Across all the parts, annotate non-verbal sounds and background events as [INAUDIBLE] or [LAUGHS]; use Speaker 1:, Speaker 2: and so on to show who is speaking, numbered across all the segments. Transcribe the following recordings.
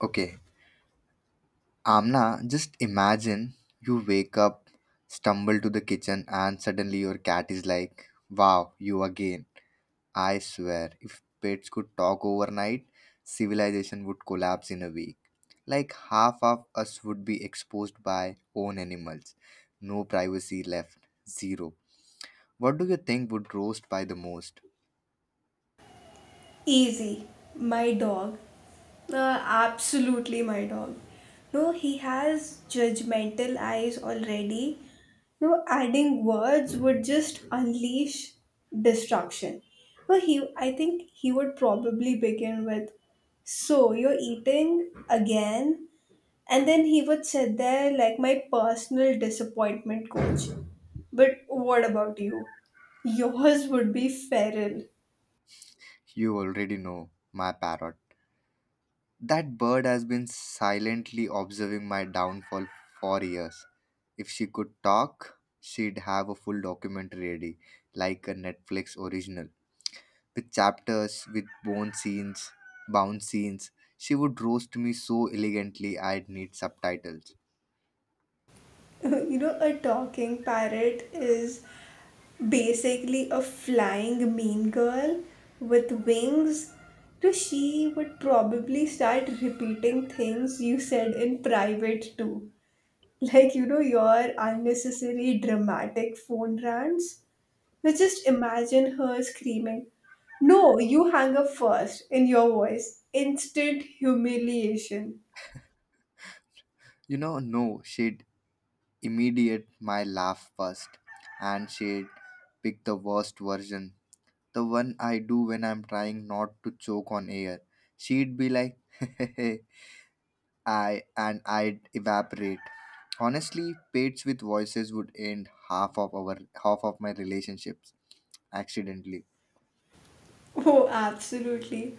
Speaker 1: Okay, Amna, just imagine you wake up, stumble to the kitchen, and suddenly your cat is like, wow, you again. I swear, if pets could talk overnight, civilization would collapse in a week. Like half of us would be exposed by own animals. No privacy left. Zero. What do you think would roast by the most?
Speaker 2: Easy, my dog. Uh, Absolutely my dog. No, he has judgmental eyes already. No, adding words would just unleash destruction. No, he. I think he would probably begin with, "So you're eating again," and then he would sit there like my personal disappointment coach. But what about you? Yours would be feral.
Speaker 1: You already know, my parrot. That bird has been silently observing my downfall for years. If she could talk, she'd have a full documentary ready, like a Netflix original, with chapters, with bone scenes, bounce scenes. She would roast me so elegantly I'd need subtitles.
Speaker 2: [LAUGHS] You know, a talking parrot is basically a flying mean girl with wings. So she would probably start repeating things you said in private too. [LAUGHS] Like, you know, your unnecessary dramatic phone rants. Now just imagine her screaming, "No, you hang up first!" in your voice. Instant humiliation.
Speaker 1: You know, no, she'd immediate my laugh first, and she'd pick the worst version, the one I do when I'm trying not to choke on air. She'd be like, [LAUGHS] I and I'd evaporate. Honestly, pates with voices would end half of our half of my relationships accidentally.
Speaker 2: [LAUGHS] Oh, absolutely.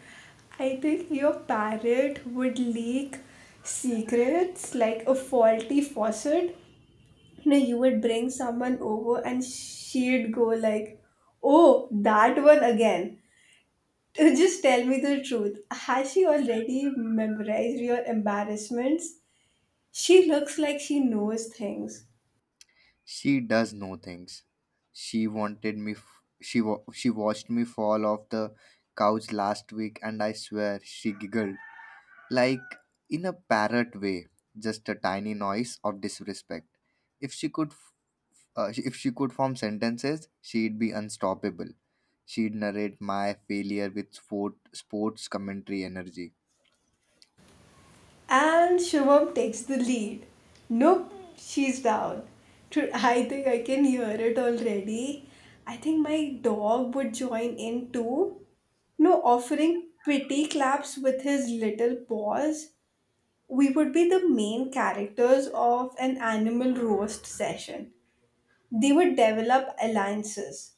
Speaker 2: I think your parrot would leak secrets like a faulty faucet. You would bring someone over and she'd go like, "Oh, that one again." [LAUGHS] Just tell me the truth. Has she already memorized your embarrassments? She looks like she knows things.
Speaker 1: She does know things. She wanted me. She watched me fall off the couch last week, and I swear she giggled like in a parrot way, just a tiny noise of disrespect. If she could, if she could form sentences, she'd be unstoppable. She'd narrate my failure with sport, sports commentary energy.
Speaker 2: And Shubham takes the lead. Nope, she's down. Dude, I think I can hear it already. I think my dog would join in too. No, offering pretty claps with his little paws. We would be the main characters of an animal roast session. They would develop alliances.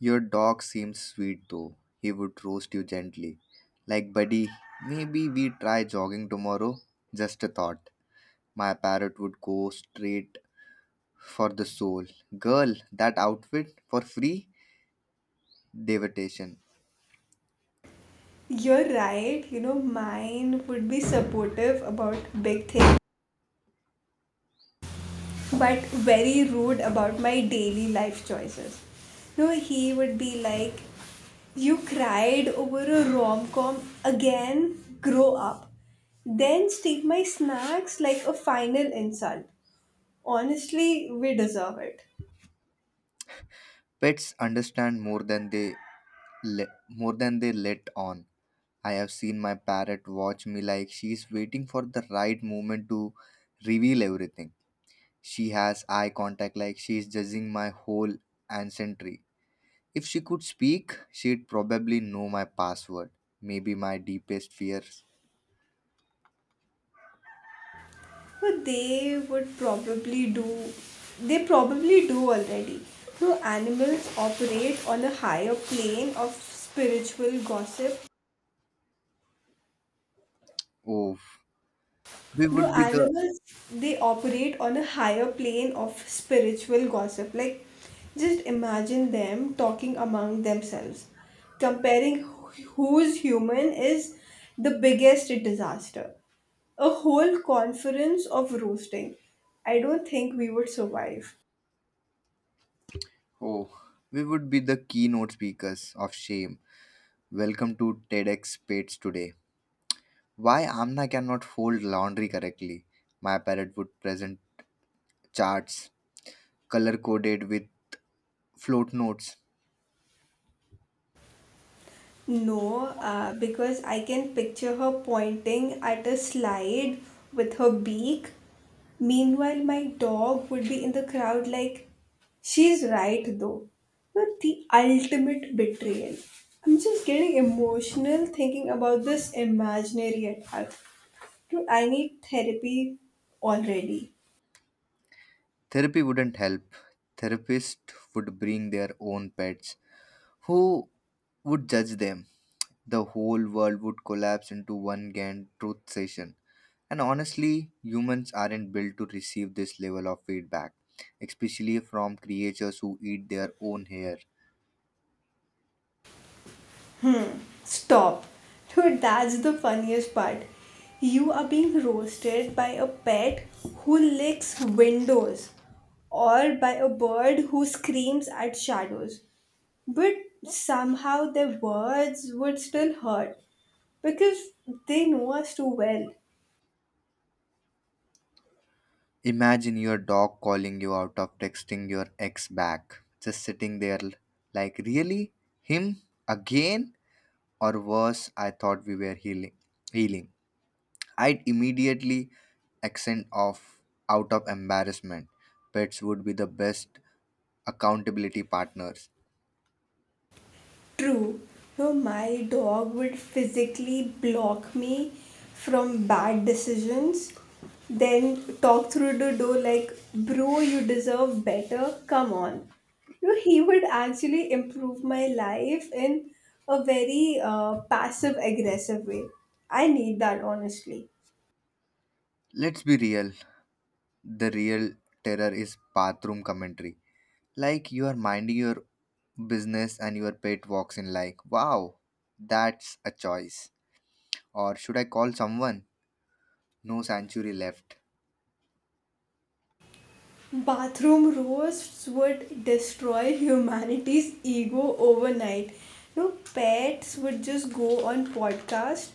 Speaker 1: Your dog seems sweet though. He would roast you gently. Like, buddy, maybe we try jogging tomorrow? Just a thought. My parrot would go straight for the soul. Girl, that outfit for free? Devitation.
Speaker 2: You're right, you know, mine would be supportive about big things but very rude about my daily life choices. No, he would be like, "You cried over a rom com again, grow up." Then steal my snacks like a final insult. Honestly, we deserve it.
Speaker 1: Pets understand more than they more than they let on. I have seen my parrot watch me like she's waiting for the right moment to reveal everything. She has eye contact like she's judging my whole ancestry. If she could speak, she'd probably know my password. Maybe my deepest fears.
Speaker 2: But they would probably do, They probably do already. So animals operate on a higher plane of spiritual gossip.
Speaker 1: Oh, we
Speaker 2: You
Speaker 1: would
Speaker 2: know,
Speaker 1: be the
Speaker 2: animals, they operate on a higher plane of spiritual gossip. Like, just imagine them talking among themselves. Comparing who's human is the biggest disaster. A whole conference of roasting. I don't think we would survive.
Speaker 1: oh, we would be the keynote speakers of shame. Welcome to TEDx Pates today. Why Amna cannot fold laundry correctly? My parrot would present charts color coded with float notes.
Speaker 2: No, because I can picture her pointing at a slide with her beak. Meanwhile, my dog would be in the crowd like, "she's right though." But the ultimate betrayal. I'm just getting emotional thinking about this imaginary attack. Dude, I need therapy already.
Speaker 1: Therapy wouldn't help. Therapists would bring their own pets. Who would judge them? The whole world would collapse into one grand truth session. And honestly, humans aren't built to receive this level of feedback, especially from creatures who eat their own hair.
Speaker 2: Stop. Dude, that's the funniest part. You are being roasted by a pet who licks windows or by a bird who screams at shadows. But somehow their words would still hurt because they know us too well.
Speaker 1: Imagine your dog calling you out of texting your ex back, just sitting there like, really? Him? Again? Or worse, I thought we were healing. healing. I'd immediately accent of out of embarrassment. Pets would be the best accountability partners.
Speaker 2: True. No, my dog would physically block me from bad decisions, then talk through the door like, "bro, you deserve better. Come on." No, he would actually improve my life in a very passive aggressive way. I need that honestly.
Speaker 1: Let's be real. The real terror is bathroom commentary. Like you are minding your business and your pet walks in like, wow, that's a choice. Or should I call someone? No sanctuary left.
Speaker 2: Bathroom roasts would destroy humanity's ego overnight. No, pets would just go on podcast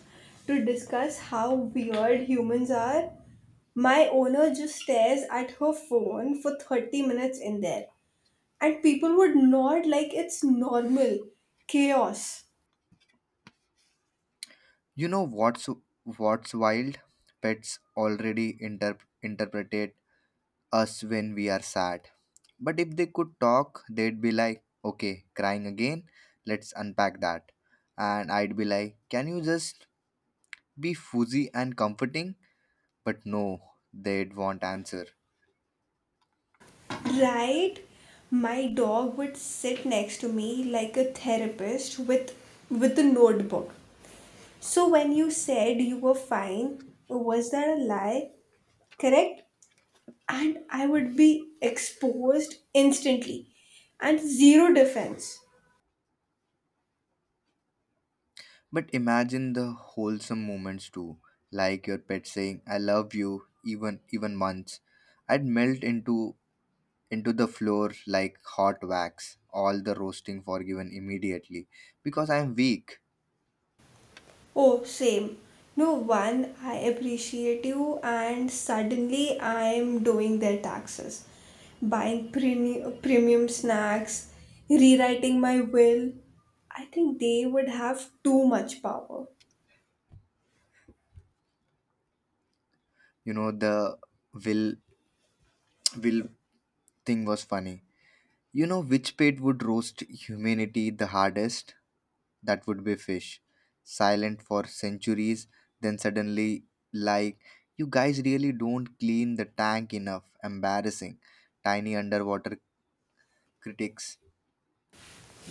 Speaker 2: to discuss how weird humans are. "My owner just stares at her phone for 30 minutes in there," and people would nod like it's normal chaos.
Speaker 1: You know what's wild? Pets already interpretate us when we are sad. But if they could talk, they'd be like, "Okay, crying again. Let's unpack that." And I'd be like, "Can you just be fuzzy and comforting?" But no, they'd want answer.
Speaker 2: Right? My dog would sit next to me like a therapist with a notebook. "So when you said you were fine, was that a lie? Correct?" And I would be exposed instantly and zero defense.
Speaker 1: But imagine the wholesome moments too, like your pet saying, "I love you," even months. I'd melt into the floor like hot wax, all the roasting forgiven immediately because I'm weak.
Speaker 2: Oh, same. No one, I appreciate you, and suddenly I'm doing their taxes, buying premium snacks, rewriting my will. I think they would have too much power.
Speaker 1: You know, the will will thing was funny. You know which pet would roast humanity the hardest? That would be fish. Silent for centuries, then suddenly like you guys really don't clean the tank enough. Embarrassing. Tiny underwater critics.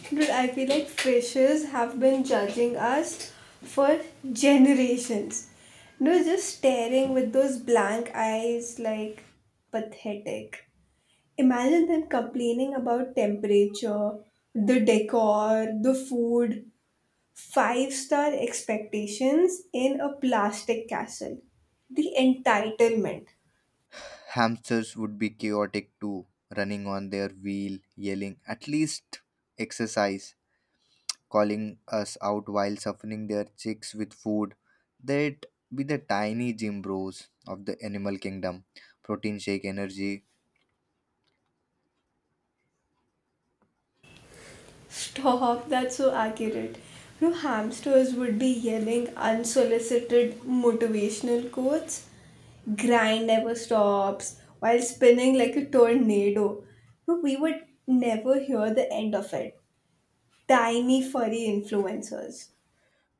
Speaker 2: Dude, I feel like fishes have been judging us for generations. No, just staring with those blank eyes like pathetic. Imagine them complaining about temperature, the decor, the food, five-star expectations in a plastic castle. The entitlement.
Speaker 1: Hamsters would be chaotic too, running on their wheel, yelling, at least exercise, calling us out while softening their cheeks with food. They'd be the tiny gym bros of the animal kingdom. Protein shake energy.
Speaker 2: Stop, that's so accurate. You know, hamsters would be yelling unsolicited motivational quotes. Grind never stops while spinning like a tornado. You know, we would never hear the end of it. Tiny furry influencers.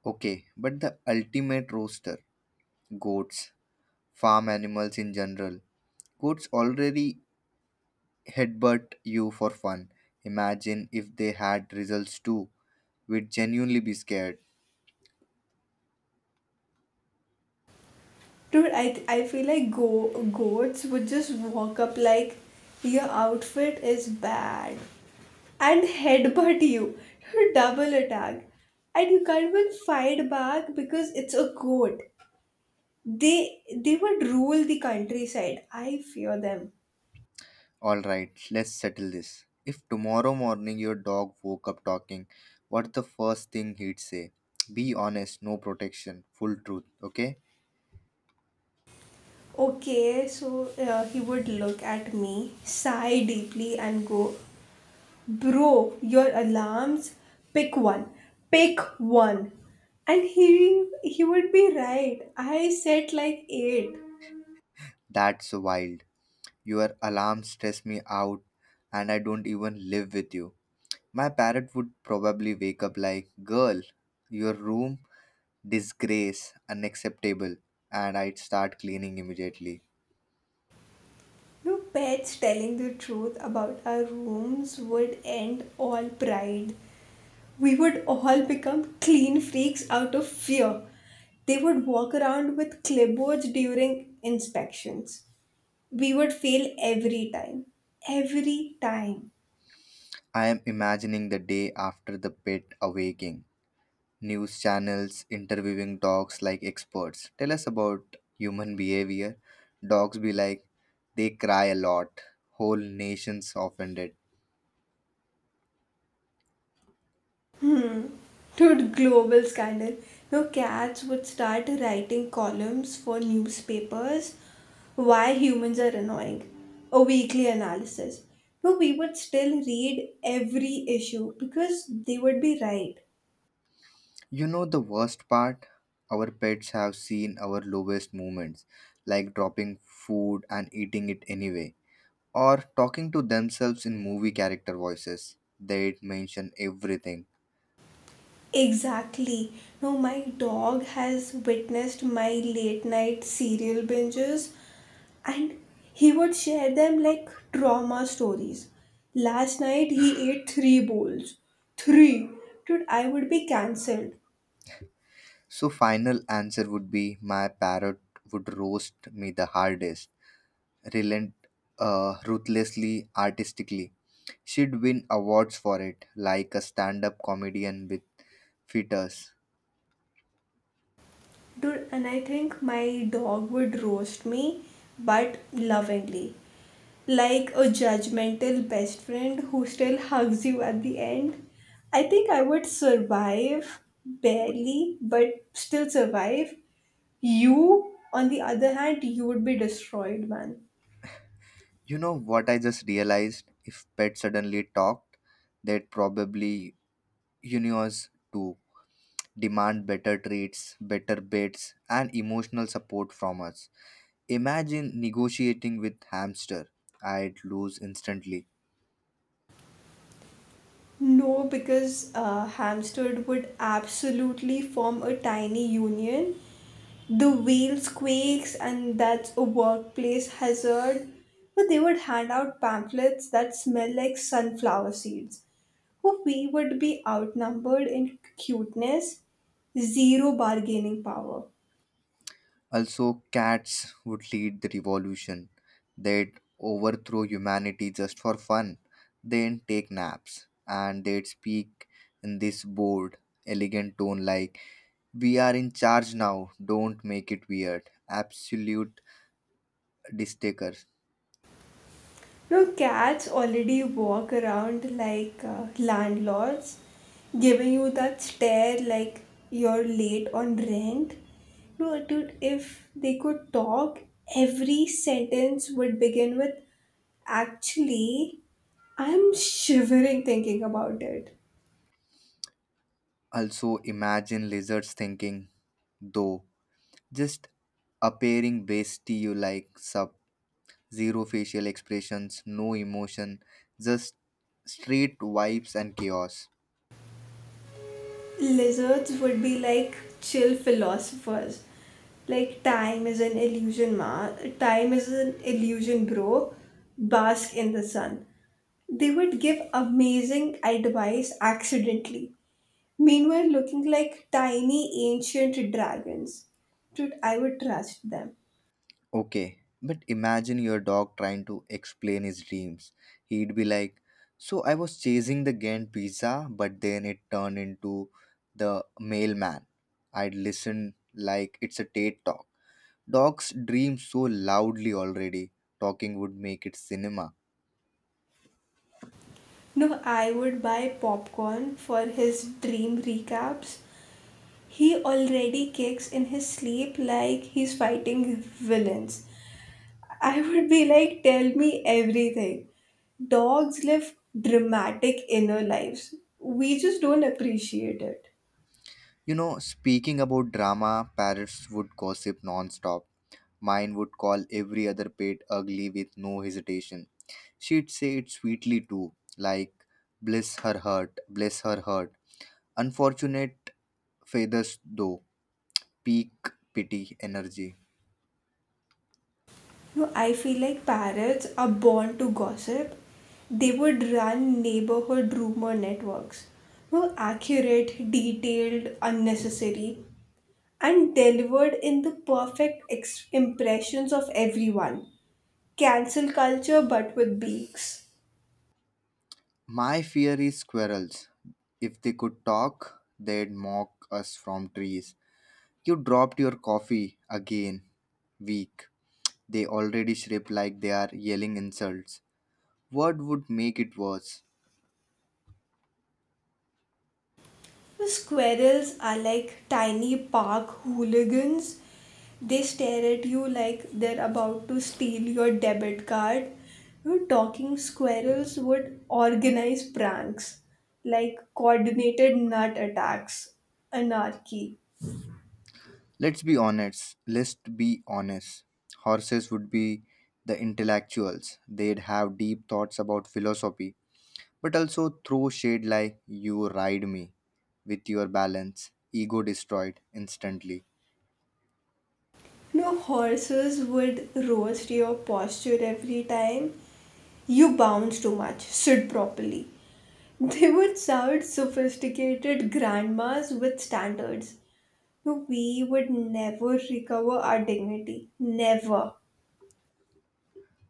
Speaker 1: Okay, but the ultimate roaster goats, farm animals in general. Goats already headbutt you for fun. Imagine if they had results too. We'd genuinely be scared.
Speaker 2: Dude, I feel like goats would just walk up like, "your outfit is bad," and headbutt you. [LAUGHS] Double attack. And you can't even fight back because it's a goat. They would rule the countryside. I fear them.
Speaker 1: All right, let's settle this. If tomorrow morning your dog woke up talking, what's the first thing he'd say? Be honest, no protection, full truth, okay?
Speaker 2: Okay, so he would look at me, sigh deeply, and go, "Bro, your alarms? Pick one. Pick one." And he would be right. I set like eight.
Speaker 1: That's wild. Your alarm stress me out and I don't even live with you. My parrot would probably wake up like, girl, your room, disgrace, unacceptable. And I'd start cleaning immediately.
Speaker 2: No, pets telling the truth about our rooms would end all pride. We would all become clean freaks out of fear. They would walk around with clipboards during inspections. We would fail every time. Every time.
Speaker 1: I am imagining the day after the pet awaking. News channels interviewing dogs like experts. Tell us about human behavior. Dogs be like, they cry a lot. Whole nations offended.
Speaker 2: Dude, global scandal. No, cats would start writing columns for newspapers. Why humans are annoying. A weekly analysis. No, we would still read every issue because they would be right.
Speaker 1: You know the worst part? Our pets have seen our lowest moments, like dropping food and eating it anyway, or talking to themselves in movie character voices. They'd mention everything.
Speaker 2: Exactly. No, my dog has witnessed my late night serial binges and he would share them like trauma stories. Last night he ate three bowls. Three! Dude, I would be cancelled.
Speaker 1: So final answer would be my parrot would roast me the hardest relent ruthlessly artistically. She'd win awards for it, like a stand up comedian with fetus.
Speaker 2: Dude, and I think my dog would roast me, but lovingly. Like a judgmental best friend who still hugs you at the end. I think I would survive, barely, but still survive. You, on the other hand, you would be destroyed, man.
Speaker 1: You know what I just realized? If pets suddenly talked, they'd probably universe to demand better treats, better beds, and emotional support from us. Imagine negotiating with hamster. I'd lose instantly.
Speaker 2: No, because Hampstead would absolutely form a tiny union. The wheels quakes, and that's a workplace hazard. But they would hand out pamphlets that smell like sunflower seeds. Oh, we would be outnumbered in cuteness, zero bargaining power.
Speaker 1: Also, cats would lead the revolution. They'd overthrow humanity just for fun, then take naps, and they'd speak in this bold, elegant tone like, we are in charge now, don't make it weird. Absolute distaker.
Speaker 2: No, cats already walk around like landlords, giving you that stare like you're late on rent. No, dude, if they could talk, every sentence would begin with, "actually," I'm shivering thinking about it.
Speaker 1: Also, imagine lizards thinking, though, just appearing base to you like sup. Zero facial expressions, no emotion, just straight vibes and chaos.
Speaker 2: Lizards would be like chill philosophers. Like time is an illusion, ma. Time is an illusion, bro. Bask in the sun. They would give amazing advice accidentally, meanwhile, looking like tiny ancient dragons. Dude, I would trust them.
Speaker 1: Okay, but imagine your dog trying to explain his dreams. He'd be like, so I was chasing the Ghent pizza, but then it turned into the mailman. I'd listen like it's a TED talk. Dogs dream so loudly already, talking would make it cinema.
Speaker 2: No, I would buy popcorn for his dream recaps. He already kicks in his sleep like he's fighting villains. I would be like, "tell me everything." Dogs live dramatic inner lives. We just don't appreciate it.
Speaker 1: You know, speaking about drama, parrots would gossip non-stop. Mine would call every other pet ugly with no hesitation. She'd say it sweetly too, like, bless her heart, bless her heart. Unfortunate feathers though, peak pity energy.
Speaker 2: No, I feel like parrots are born to gossip. They would run neighborhood rumor networks. No, accurate, detailed, unnecessary, and delivered in the perfect impressions of everyone. Cancel culture, but with beaks.
Speaker 1: My fear is squirrels. If they could talk, they'd mock us from trees. You dropped your coffee again. Weak. They already shriek like they are yelling insults. What would make it worse?
Speaker 2: The squirrels are like tiny park hooligans. They stare at you like they're about to steal your debit card. You talking squirrels would organize pranks like coordinated nut attacks, anarchy.
Speaker 1: Let's be honest. Horses would be the intellectuals. They'd have deep thoughts about philosophy, but also throw shade like you ride me with your balance, ego destroyed instantly.
Speaker 2: No, horses would roast your posture every time. You bounce too much, sit properly. They would sound sophisticated grandmas with standards. No, we would never recover our dignity. Never.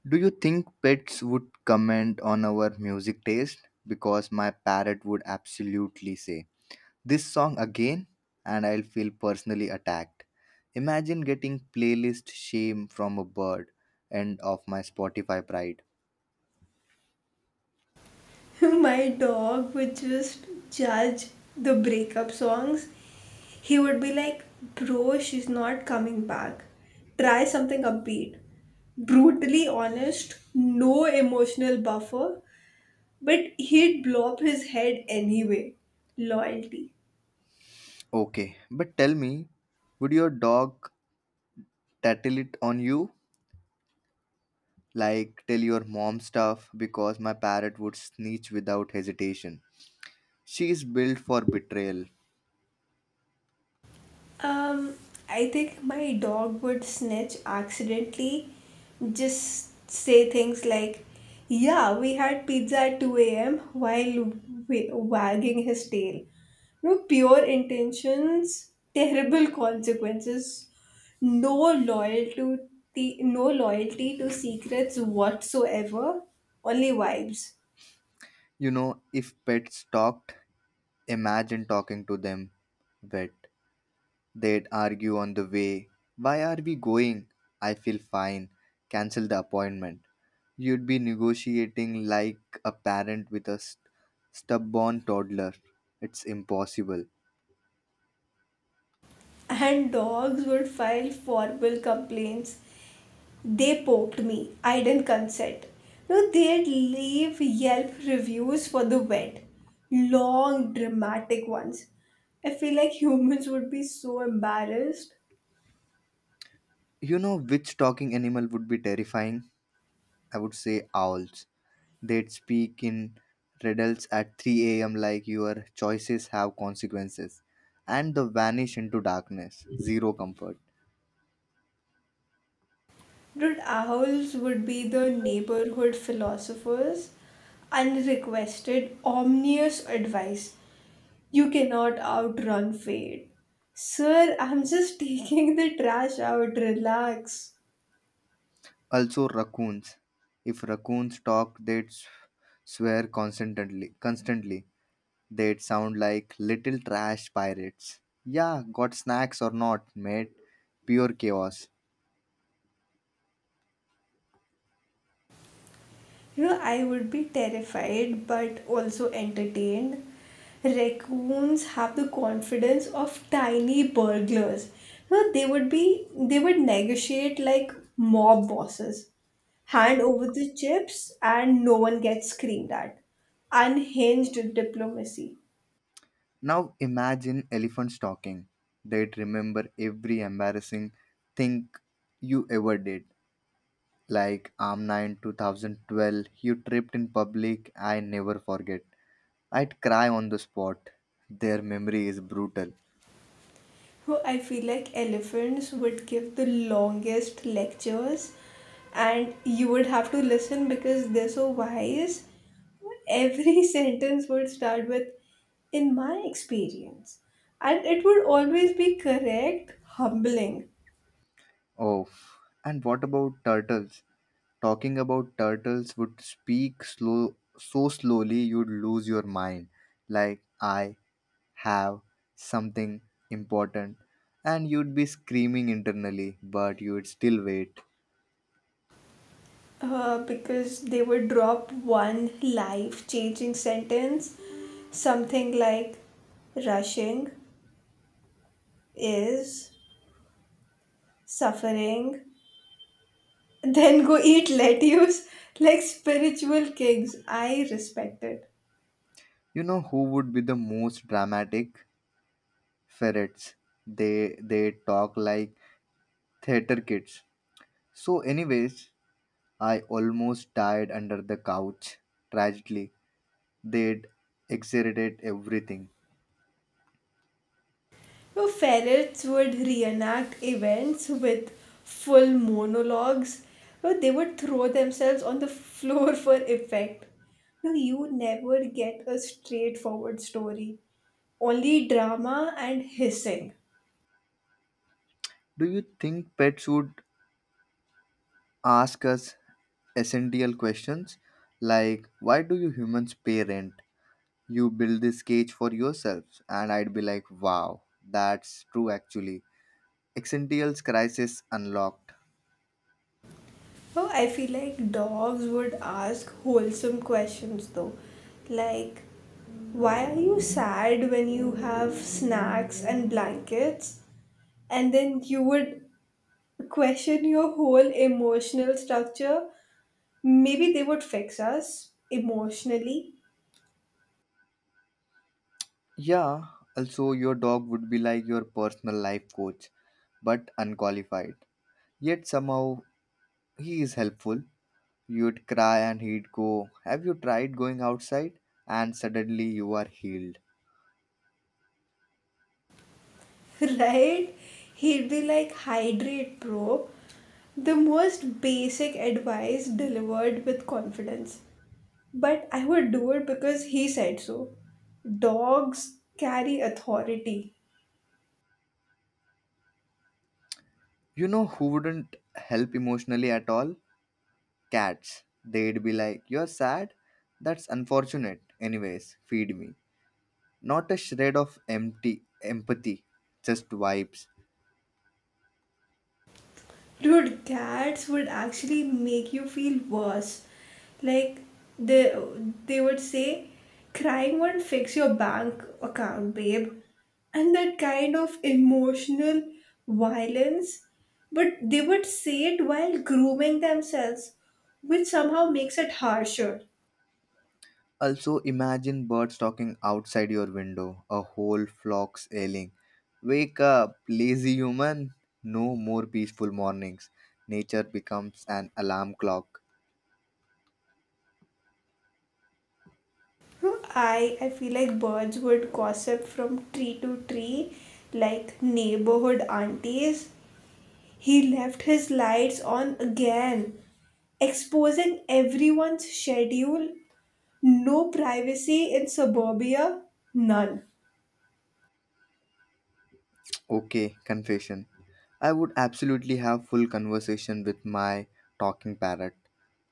Speaker 1: Do you think pets would comment on our music taste? Because my parrot would absolutely say this song again and I'll feel personally attacked. Imagine getting playlist shame from a bird and of my Spotify pride.
Speaker 2: [LAUGHS] My dog would just judge the breakup songs. He would be like, "Bro, she's not coming back. Try something upbeat." Brutally honest, no emotional buffer, but he'd blow up his head anyway. Loyalty.
Speaker 1: Okay, but tell me, would your dog tattle it on you? Like tell your mom stuff because my parrot would snitch without hesitation. She is built for betrayal.
Speaker 2: Um, I think my dog would snitch accidentally, just say things like, "Yeah, we had pizza at 2 a.m." while wagging his tail. No pure intentions, terrible consequences, no loyalty, no loyalty to secrets whatsoever, only vibes.
Speaker 1: You know, if pets talked, imagine talking to them wet. They'd argue on the way. Why are we going? I feel fine. Cancel the appointment. You'd be negotiating like a parent with a stubborn toddler. It's impossible.
Speaker 2: And dogs would file formal complaints. "They poked me. I didn't consent." No, they'd leave Yelp reviews for the vet. Long, dramatic ones. I feel like humans would be so embarrassed.
Speaker 1: You know which talking animal would be terrifying? I would say owls. They'd speak in riddles at 3 a.m. like your choices have consequences and they vanish into darkness. Zero comfort.
Speaker 2: Dude, owls would be the neighborhood philosophers. Unrequested, ominous advice. "You cannot outrun fate." Sir, I'm just [LAUGHS] taking the trash out. Relax.
Speaker 1: Also, raccoons. If raccoons talk, they'd swear constantly. Constantly, they'd sound like little trash pirates. Yeah, got snacks or not, mate? Pure chaos.
Speaker 2: You know, I would be terrified but also entertained. Raccoons have the confidence of tiny burglars. You know, they would negotiate like mob bosses. "Hand over the chips and no one gets screamed at." Unhinged diplomacy.
Speaker 1: Now imagine elephants talking. They'd remember every embarrassing thing you ever did. Like Amna 2012, you tripped in public, I never forget. I'd cry on the spot. Their memory is brutal.
Speaker 2: Bro, I feel like elephants would give the longest lectures and you would have to listen because they're so wise. Every [LAUGHS] sentence would start with, "in my experience." And it would always be correct, humbling,
Speaker 1: Oh, and what about turtles? Talking about turtles would speak slow, so slowly you'd lose your mind. Like, I have something important. And you'd be screaming internally, but you'd still wait.
Speaker 2: because they would drop one life changing sentence, something like rushing is suffering. Then go eat lettuce like spiritual kings. I respect it.
Speaker 1: You know who would be the most dramatic? Ferrets. They talk like theater kids. So anyways, I almost died under the couch. Tragically, they'd exaggerate everything.
Speaker 2: No, ferrets would reenact events with full monologues. No, they would throw themselves on the floor [LAUGHS] for effect. No, you never get a straightforward story. Only drama and hissing.
Speaker 1: Do you think pets would ask us essential questions like, why do you humans pay rent? You build this cage for yourselves. And I'd be like, wow, that's true actually. Essentials crisis unlocked.
Speaker 2: Oh, I feel like dogs would ask wholesome questions though. Like, why are you sad when you have snacks and blankets? And then you would question your whole emotional structure. Maybe they would fix us emotionally.
Speaker 1: Yeah, also your dog would be like your personal life coach, but unqualified. Yet somehow he is helpful. You'd cry and he'd go, have you tried going outside? And suddenly you are healed.
Speaker 2: [LAUGHS] Right? He'd be like, "hydrate, bro." The most basic advice delivered with confidence. But I would do it because he said so. Dogs carry authority.
Speaker 1: You know who wouldn't help emotionally at all? Cats. They'd be like, you're sad? That's unfortunate. Anyways, feed me. Not a shred of empty empathy, just vibes.
Speaker 2: Dude, cats would actually make you feel worse. Like they they would say, "crying won't fix your bank account, babe." And that kind of emotional violence. But they would say it while grooming themselves, which somehow makes it harsher.
Speaker 1: Also, imagine birds talking outside your window, a whole flock's ailing. Wake up, lazy human! No more peaceful mornings. Nature becomes an alarm clock.
Speaker 2: I feel like birds would gossip from tree to tree like neighborhood aunties. "He left his lights on again," exposing everyone's schedule. No privacy in suburbia, none.
Speaker 1: Okay, confession. I would absolutely have full conversation with my talking parrot,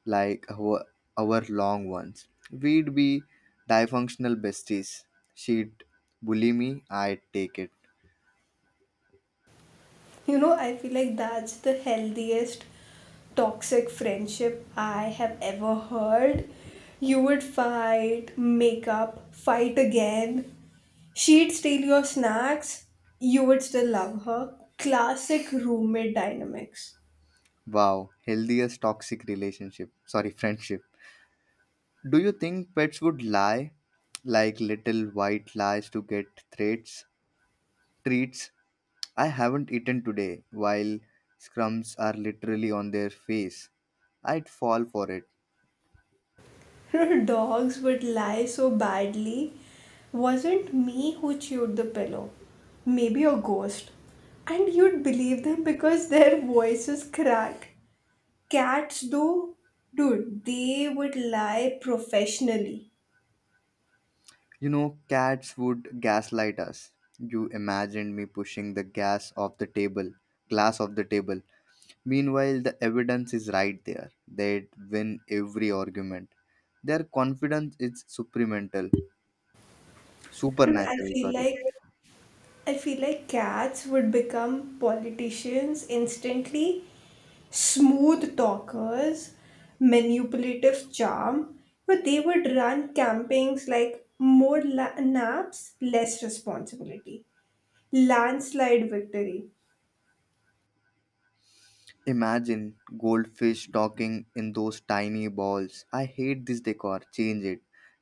Speaker 1: like our long ones. We'd be dysfunctional besties. She'd bully me, I'd take it.
Speaker 2: You know, I feel like that's the healthiest toxic friendship I have ever heard. You would fight, make up, fight again, she'd steal your snacks, you would still love her. Classic roommate dynamics.
Speaker 1: Wow, healthiest toxic relationship. Sorry, friendship. Do you think pets would lie, like little white lies to get threats, treats? I haven't eaten today while scrums are literally on their face. I'd fall for it.
Speaker 2: [LAUGHS] Dogs would lie so badly. "Wasn't me who chewed the pillow. Maybe a ghost." And you'd believe them because their voices cracked. Cats, though, dude, they would lie professionally.
Speaker 1: You know, cats would gaslight us. You imagined me pushing the gas off the table, glass off the table. Meanwhile, the evidence is right there. They'd win every argument. Their confidence is supramental,
Speaker 2: Dude,
Speaker 1: supernatural. Sorry.
Speaker 2: I feel like cats would become politicians instantly, smooth talkers, manipulative charm, but they would run campings like more naps, less responsibility, landslide victory. [LAUGHS]
Speaker 1: Imagine goldfish talking in those tiny balls. I hate this decor. Change it.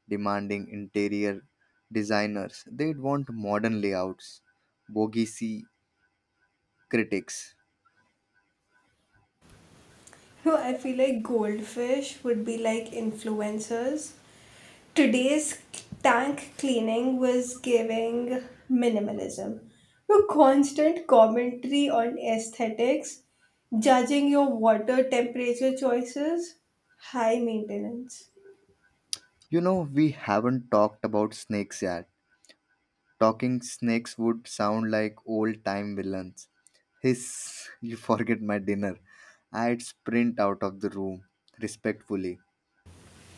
Speaker 1: Demanding interior designers. They'd want modern layouts. Bogey C critics.
Speaker 2: So I feel like goldfish would be like influencers. "Today's tank cleaning was giving minimalism." Your constant commentary on aesthetics, judging your water temperature choices, high maintenance.
Speaker 1: You know, we haven't talked about snakes yet. Talking snakes would sound like old time villains. Hiss, [LAUGHS] you forget my dinner. I'd sprint out of the room respectfully.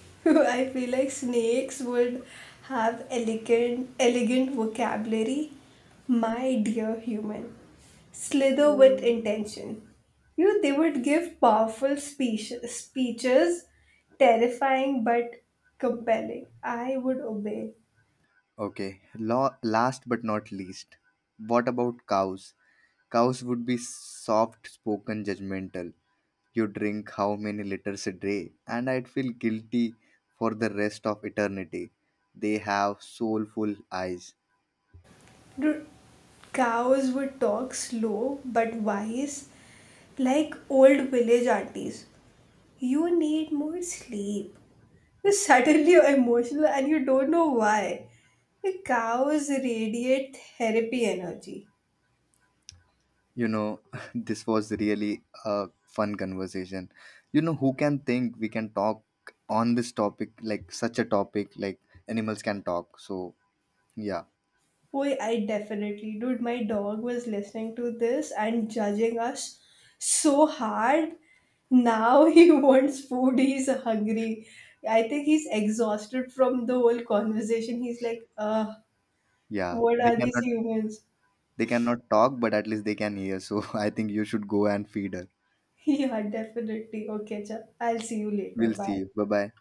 Speaker 2: [LAUGHS] I feel like snakes would have elegant vocabulary. "My dear human, slither with intention." You know, they would give powerful speeches, terrifying but compelling. I would obey.
Speaker 1: Okay, last but not least, what about cows? Cows would be soft spoken, judgmental. You drink how many liters a day, and I'd feel guilty for the rest of eternity. They have soulful eyes.
Speaker 2: Dude, cows would talk slow but wise, like old village aunties. "You need more sleep. You're suddenly [LAUGHS] emotional and you don't know why." The cows radiate therapy energy.
Speaker 1: You know, [LAUGHS] this was really a fun conversation. You know, who can think we can talk on this topic, like such a topic, like animals can talk. So, yeah,
Speaker 2: Boy, I definitely, dude, my dog was listening to this and judging us so hard. Now he [LAUGHS] wants food, he's hungry. I think he's exhausted from the whole conversation. He's like,
Speaker 1: yeah,
Speaker 2: what
Speaker 1: they
Speaker 2: are these
Speaker 1: cannot
Speaker 2: humans? [LAUGHS]
Speaker 1: They cannot talk, but at least they can hear. So [LAUGHS] I think you should go and feed her.
Speaker 2: Yeah, definitely. Okay, cha. I'll see you later.
Speaker 1: We'll see
Speaker 2: Bye.
Speaker 1: you. Bye bye.